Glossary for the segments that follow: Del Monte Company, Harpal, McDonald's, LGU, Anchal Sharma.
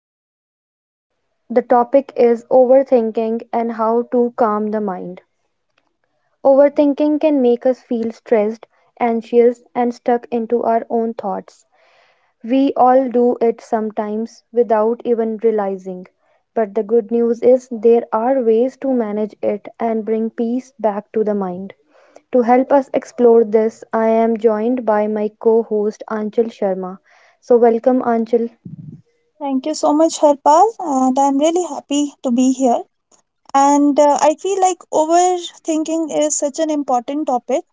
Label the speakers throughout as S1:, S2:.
S1: point. The topic is overthinking and how to calm the mind. Overthinking can make us feel stressed, anxious, and stuck into our own thoughts. We all do it sometimes without even realizing. But the good news is there are ways to manage it and bring peace back to the mind. To help us explore this, I am joined by my co host Anchal Sharma. So, welcome, Anchal.
S2: Thank you so much, Harpal. And I'm really happy to be here. And I feel like overthinking is such an important topic.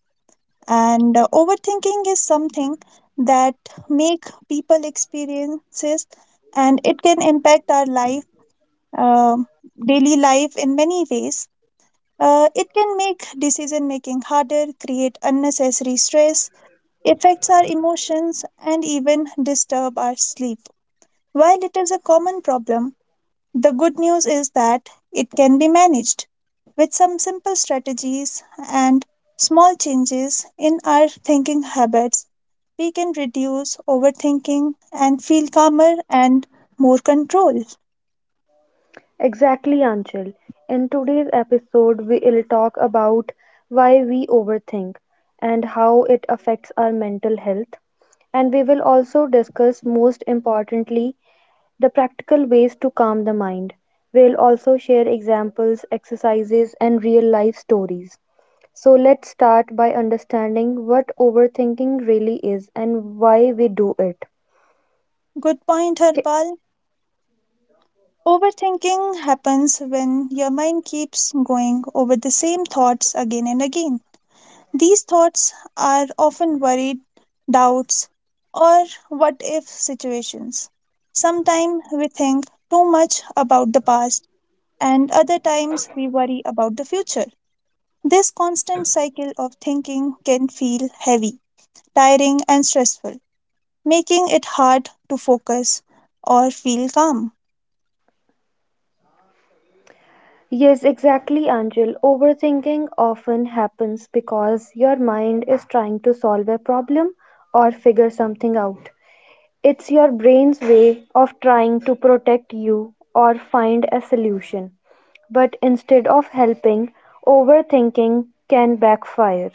S2: And Overthinking is something that make people experiences, and it can impact our life, uh, daily life in many ways. It can make decision making harder, create unnecessary stress, affects our emotions, and even disturb our sleep. While it is a common problem, the good news is that it can be managed with some simple strategies and small changes in our thinking habits. We can reduce overthinking and feel calmer and more control.
S1: Exactly, Anchal. In today's episode, we will talk about why we overthink and how it affects our mental health. And we will also discuss, most importantly, the practical ways to calm the mind. We'll also share examples, exercises, and real life stories. So, let's start by understanding what overthinking really is and why we do it.
S2: Good point,
S1: Okay.
S2: Harpal. Overthinking happens when your mind keeps going over the same thoughts again and again. These thoughts are often worried doubts or what if situations. Sometimes we think too much about the past, and other times we worry about the future. This constant cycle of thinking can feel heavy, tiring, and stressful, making it hard to focus or feel calm.
S1: Yes, exactly, Angel. Overthinking often happens because your mind is trying to solve a problem or figure something out. It's your brain's way of trying to protect you or find a solution. But instead of helping, overthinking can backfire.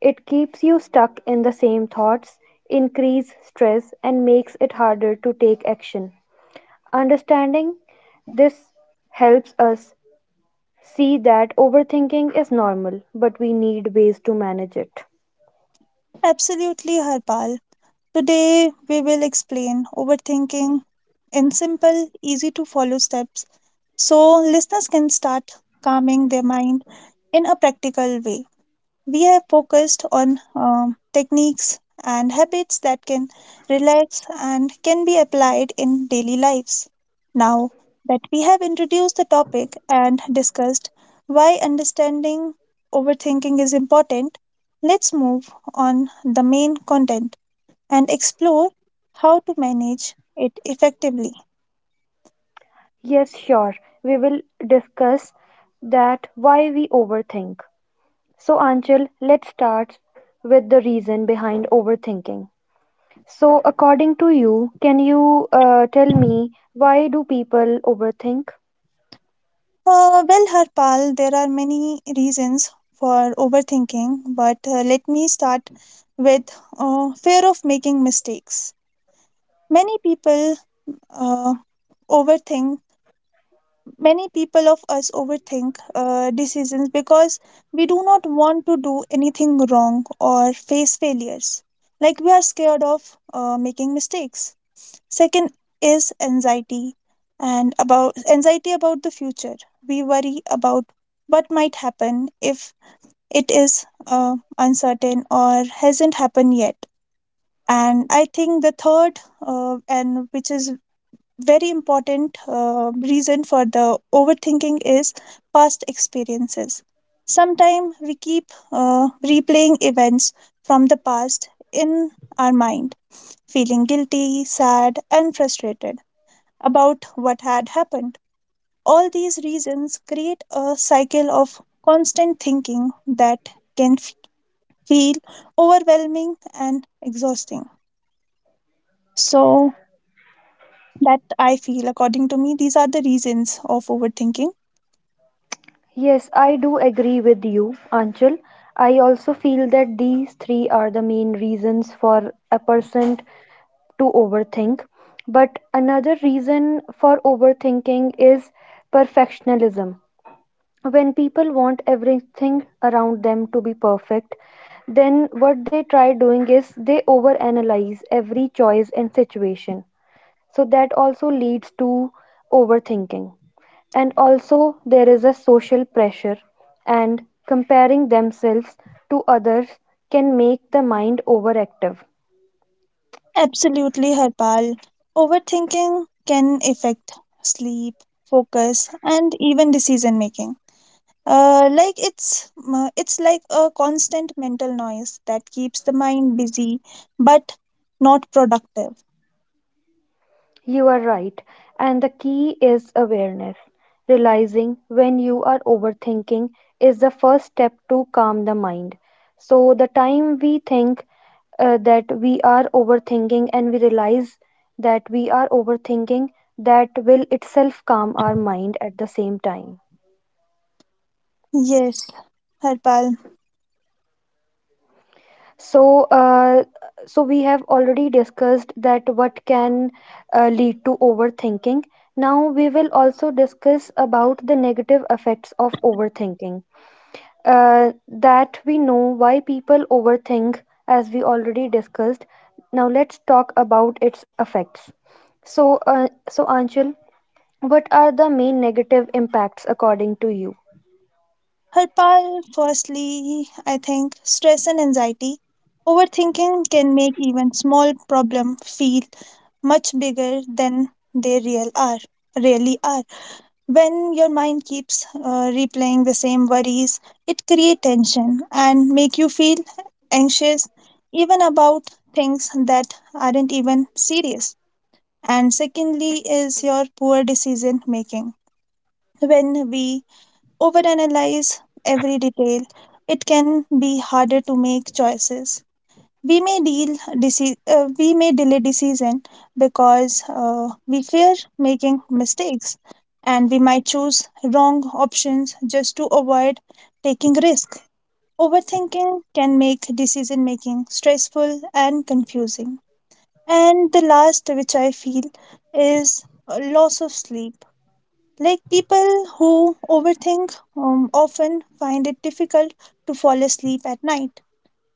S1: It keeps you stuck in the same thoughts, increase stress and makes it harder to take action. Understanding this helps us see that overthinking is normal, but we need ways to manage it.
S2: Absolutely, Harpal. Today, we will explain overthinking in simple, easy to follow steps so listeners can start calming their mind in a practical way. We have focused on techniques and habits that can relax and can be applied in daily lives. Now that we have introduced the topic and discussed why understanding overthinking is important, let's move on the main content and explore how to manage it effectively.
S1: Yes, sure. We will discuss that why we overthink. So, Anchal, let's start with the reason behind overthinking. So, according to you, can you tell me why do people overthink?
S2: Well, Harpal, there are many reasons for overthinking, but let me start with fear of making mistakes. Many people uh, overthink, many people of us overthink decisions because we do not want to do anything wrong or face failures. Like we are scared of making mistakes. Second is anxiety and about anxiety about the future. We worry about what might happen if it is uncertain or hasn't happened yet. And I think the third, and which is very important reason for the overthinking is past experiences. Sometimes we keep replaying events from the past in our mind, feeling guilty, sad, and frustrated about what had happened. All these reasons create a cycle of constant thinking that can f- feel overwhelming and exhausting. So, that I feel, according to me, these are the reasons of overthinking.
S1: Yes, I do agree with you, Anchal. I also feel that these three are the main reasons for a person to overthink. But another reason for overthinking is perfectionism. When people want everything around them to be perfect, then what they try doing is they overanalyze every choice and situation. So that also leads to overthinking. And also, there is a social pressure, and comparing themselves to others can make the mind overactive.
S2: Absolutely, Harpal. Overthinking can affect sleep, focus, and even decision making. Like it's like a constant mental noise that keeps the mind busy but not productive.
S1: You are right. And the key is awareness. Realizing when you are overthinking is the first step to calm the mind. So, the time we think that we are overthinking and we realize that we are overthinking, that will itself calm our mind at the same time.
S2: Yes, Harpal.
S1: So, uh, so we have already discussed that what can lead to overthinking. Now we will also discuss about the negative effects of overthinking. That we know why people overthink, as we already discussed. Now let's talk about its effects. So, Anchal, what are the main negative impacts according to you?
S2: Harpal, firstly I think stress and anxiety overthinking can make even small problem feel much bigger than they really are. When your mind keeps replaying the same worries, it creates tension and make you feel anxious even about things that aren't even serious. And secondly is your poor decision making. When we overanalyze every detail, it can be harder to make choices. We we may delay decision because we fear making mistakes, and we might choose wrong options just to avoid taking risk. Overthinking can make decision making stressful and confusing. And the last which I feel is a loss of sleep. Like people who overthink often find it difficult to fall asleep at night.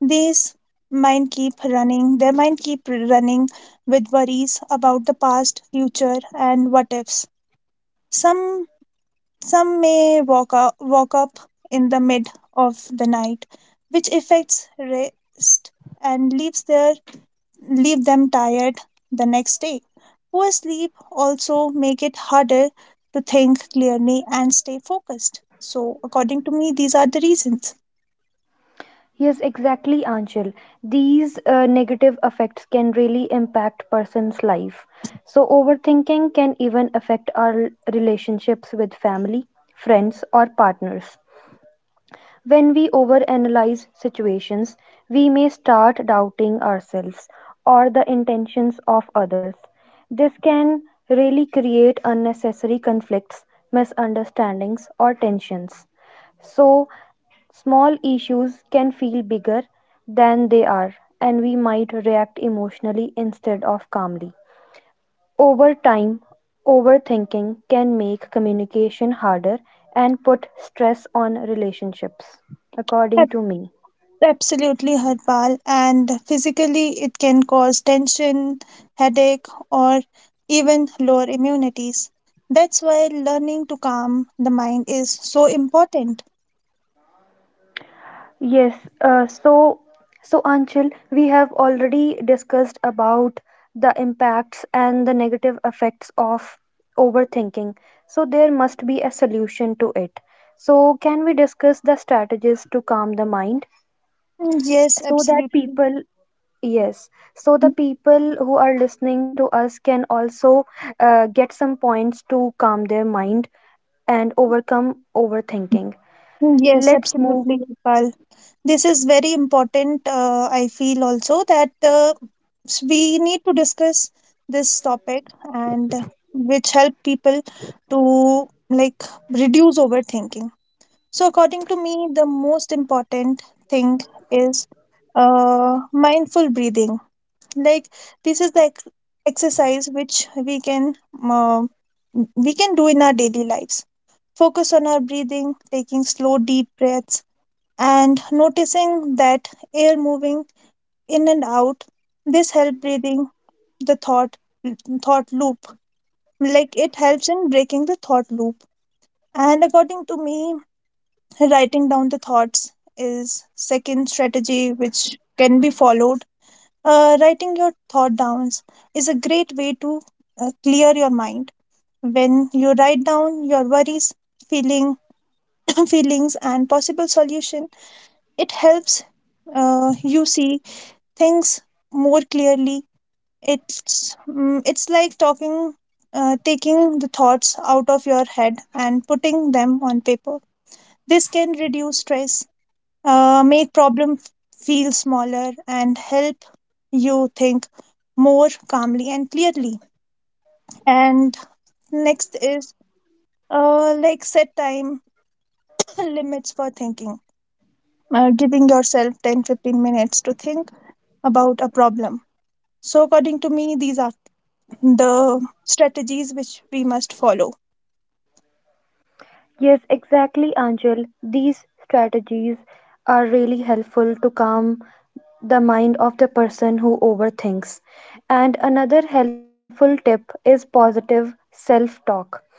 S2: These mind keep running, their mind keep running with worries about the past, future, and what ifs. Some walk up in the mid of the night, which affects rest and leave them tired the next day. Poor sleep also make it harder to think clearly and stay focused. So, according to me, these are the reasons.
S1: Yes, exactly, Anchal. These negative effects can really impact person's life. So overthinking can even affect our relationships with family, friends, or partners. When we overanalyze situations, we may start doubting ourselves or the intentions of others. This can really create unnecessary conflicts, misunderstandings, or tensions. So, small issues can feel bigger than they are, and we might react emotionally instead of calmly. Over time, overthinking can make communication harder and put stress on relationships, according to me.
S2: Absolutely, Harpal. And physically, it can cause tension, headache, or even lower immunities. That's why learning to calm the mind is so important.
S1: Yes, uh, so so Anchal, we have already discussed about the impacts and the negative effects of overthinking. So there must be a solution to it. So can we discuss the strategies to calm the mind
S2: Mm, yes,
S1: so that
S2: absolutely.
S1: people, yes, so the
S2: Mm,
S1: people who are listening to us can also get some points to calm their mind and overcome overthinking.
S2: Yes,
S1: Let's move.
S2: absolutely, Harpal. This is very important. I feel also that we need to discuss this topic and which help people to like reduce overthinking. So, according to me, the most important thing is mindful breathing. Like this is the exercise which uh, we can do in our daily lives. Focus on our breathing, taking slow deep breaths, and noticing that air moving in and out. This help breathing the thought loop. Like it helps in breaking the thought loop. And according to me, writing down the thoughts is second strategy which can be followed. Writing your thought downs is a great way to clear your mind. When you write down your worries feeling feelings and possible solution, it helps you see things more clearly. It's like talking, taking the thoughts out of your head and putting them on paper. This can reduce stress, make problems feel smaller and help you think more calmly and clearly. And next is, like, set time limits for thinking, giving yourself 10, 15 minutes to think about a problem. So according to me these are the strategies which we must follow.
S1: Yes, exactly, Angel. These strategies are really helpful to calm the mind of the person who overthinks. And another helpful tip is positive self talk.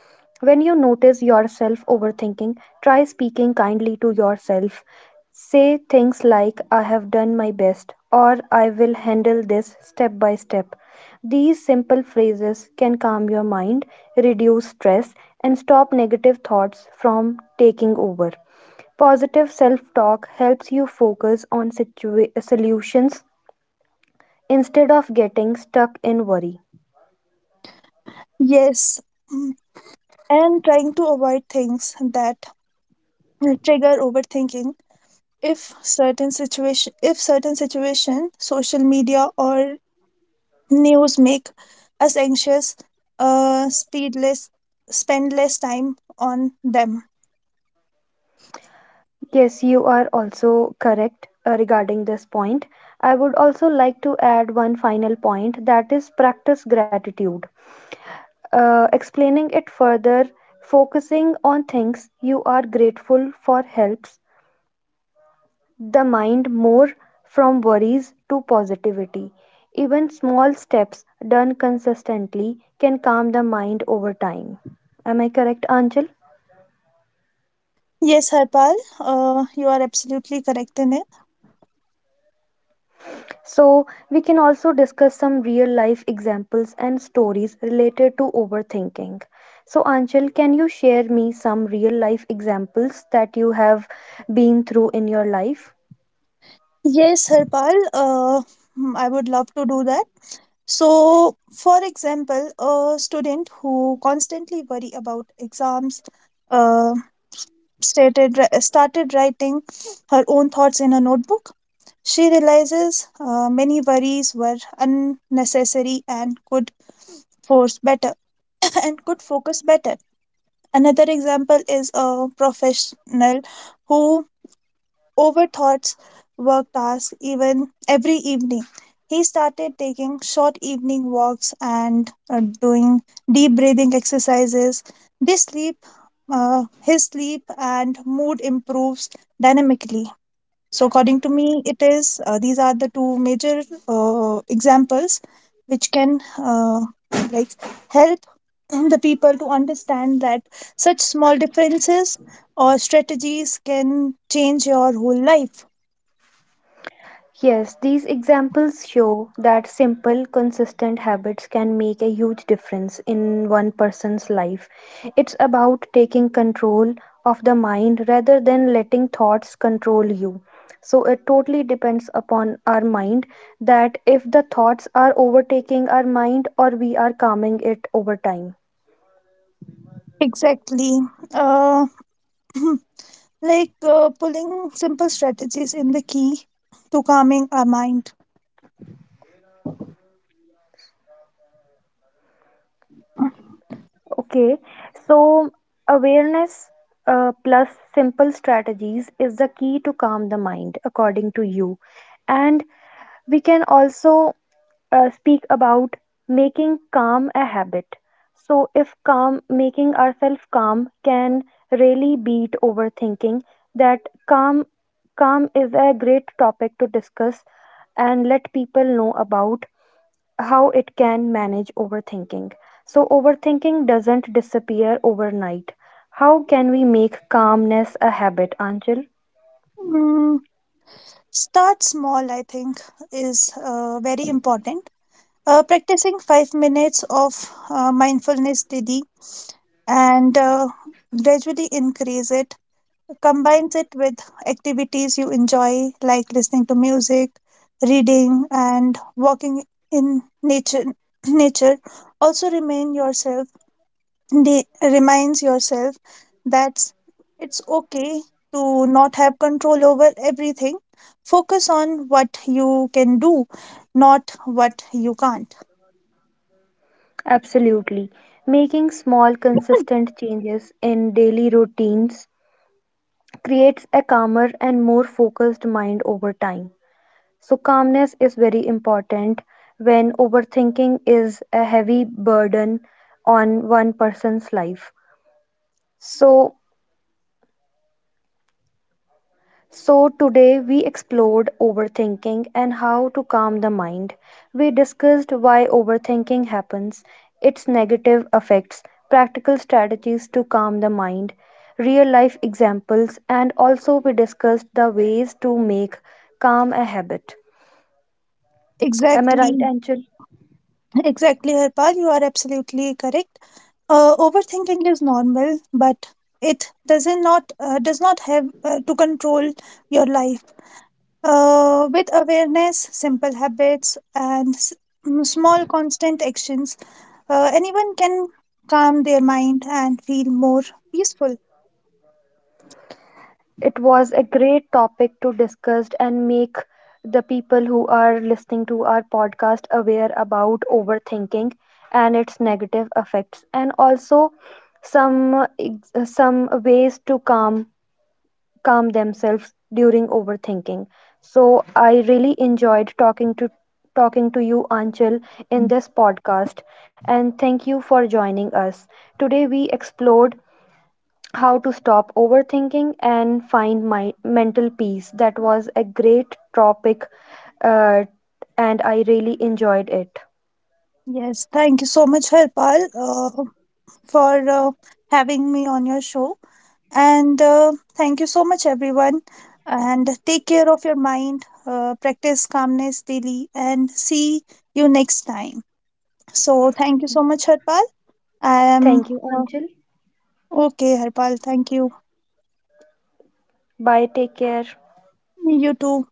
S1: When you notice yourself overthinking, try speaking kindly to yourself. Say things like, I have done my best, or I will handle this step by step. These simple phrases can calm your mind, reduce stress, and stop negative thoughts from taking over. Positive self talk helps you focus on situa- solutions instead of getting stuck in worry.
S2: Yes. Mm, and trying to avoid things that trigger overthinking. If certain situation social media or news make us anxious, speed less spend less time on them.
S1: Yes, you are also correct regarding this point. I would also like to add one final point that is practice gratitude. Explaining it further, focusing on things you are grateful for helps the mind more from worries to positivity. Even small steps done consistently can calm the mind over time. Am I correct, Anjal?
S2: Yes, Harpal, you are absolutely correct in it.
S1: So, we can also discuss some real life examples and stories related to overthinking. So, Anjal, can you share me some real life examples that you have been through in your life?
S2: Yes, Harpal. I would love to do that. So for example, a student who constantly worry about exams, uh, started writing her own thoughts in a notebook. She realizes many worries were unnecessary and could force better and could focus better. Another example is a professional who overthoughts work tasks even every evening. He started taking short evening walks and doing deep breathing exercises. This sleep, his sleep and mood improves dynamically. So according to me, it is these are the two major examples which can like help the people to understand that such small differences or strategies can change your whole life.
S1: Yes, these examples show that simple, consistent habits can make a huge difference in one person's life. It's about taking control of the mind rather than letting thoughts control you. So it totally depends upon our mind that if the thoughts are overtaking our mind or we are calming it over time.
S2: Exactly. Uh, like Pulling simple strategies in the key to calming our mind.
S1: Okay, so awareness plus simple strategies is the key to calm the mind, according to you. And we can also speak about making calm a habit. So, if calm, making ourselves calm can really beat overthinking, that calm, calm is a great topic to discuss and let people know about how it can manage overthinking. So, overthinking doesn't disappear overnight. How can we make calmness a habit, Anchal?
S2: Mm, start small, I think, is very important. Practicing 5 minutes of mindfulness daily and gradually increase it. Combines it with activities you enjoy, like listening to music, reading, and walking in nature. Nature also reminds yourself that it's okay to not have control over everything. Focus on what you can do, not what you can't.
S1: Absolutely. Making small, consistent changes in daily routines creates a calmer and more focused mind over time. So, calmness is very important when overthinking is a heavy burden on one person's life. So, So, today we explored overthinking and how to calm the mind. We discussed why overthinking happens, its negative effects, practical strategies to calm the mind, real life examples, and also we discussed the ways to make calm a habit. Am I right,
S2: Exactly,
S1: Anchal?
S2: exactly, Harpal. You are absolutely correct. Overthinking is normal, but it does not have to control your life. With awareness, simple habits, and small constant actions, anyone can calm their mind and feel more peaceful.
S1: It was a great topic to discuss and make the people who are listening to our podcast aware about overthinking and its negative effects and also some some ways to calm themselves during overthinking. So I really enjoyed talking to you Anchal in this podcast and thank you for joining us. Today we explored how to stop overthinking and find my mental peace. That was a great topic uh, and I really enjoyed it.
S2: Yes, thank you so much, Harpal. For having me on your show. And thank you so much, everyone. And take care of your mind, practice calmness daily, and see you next time. So, thank you so much, Harpal. I am
S1: Thank you,
S2: uh,
S1: Anchal.
S2: okay, Harpal. Thank you.
S1: Bye. Take care.
S2: You too.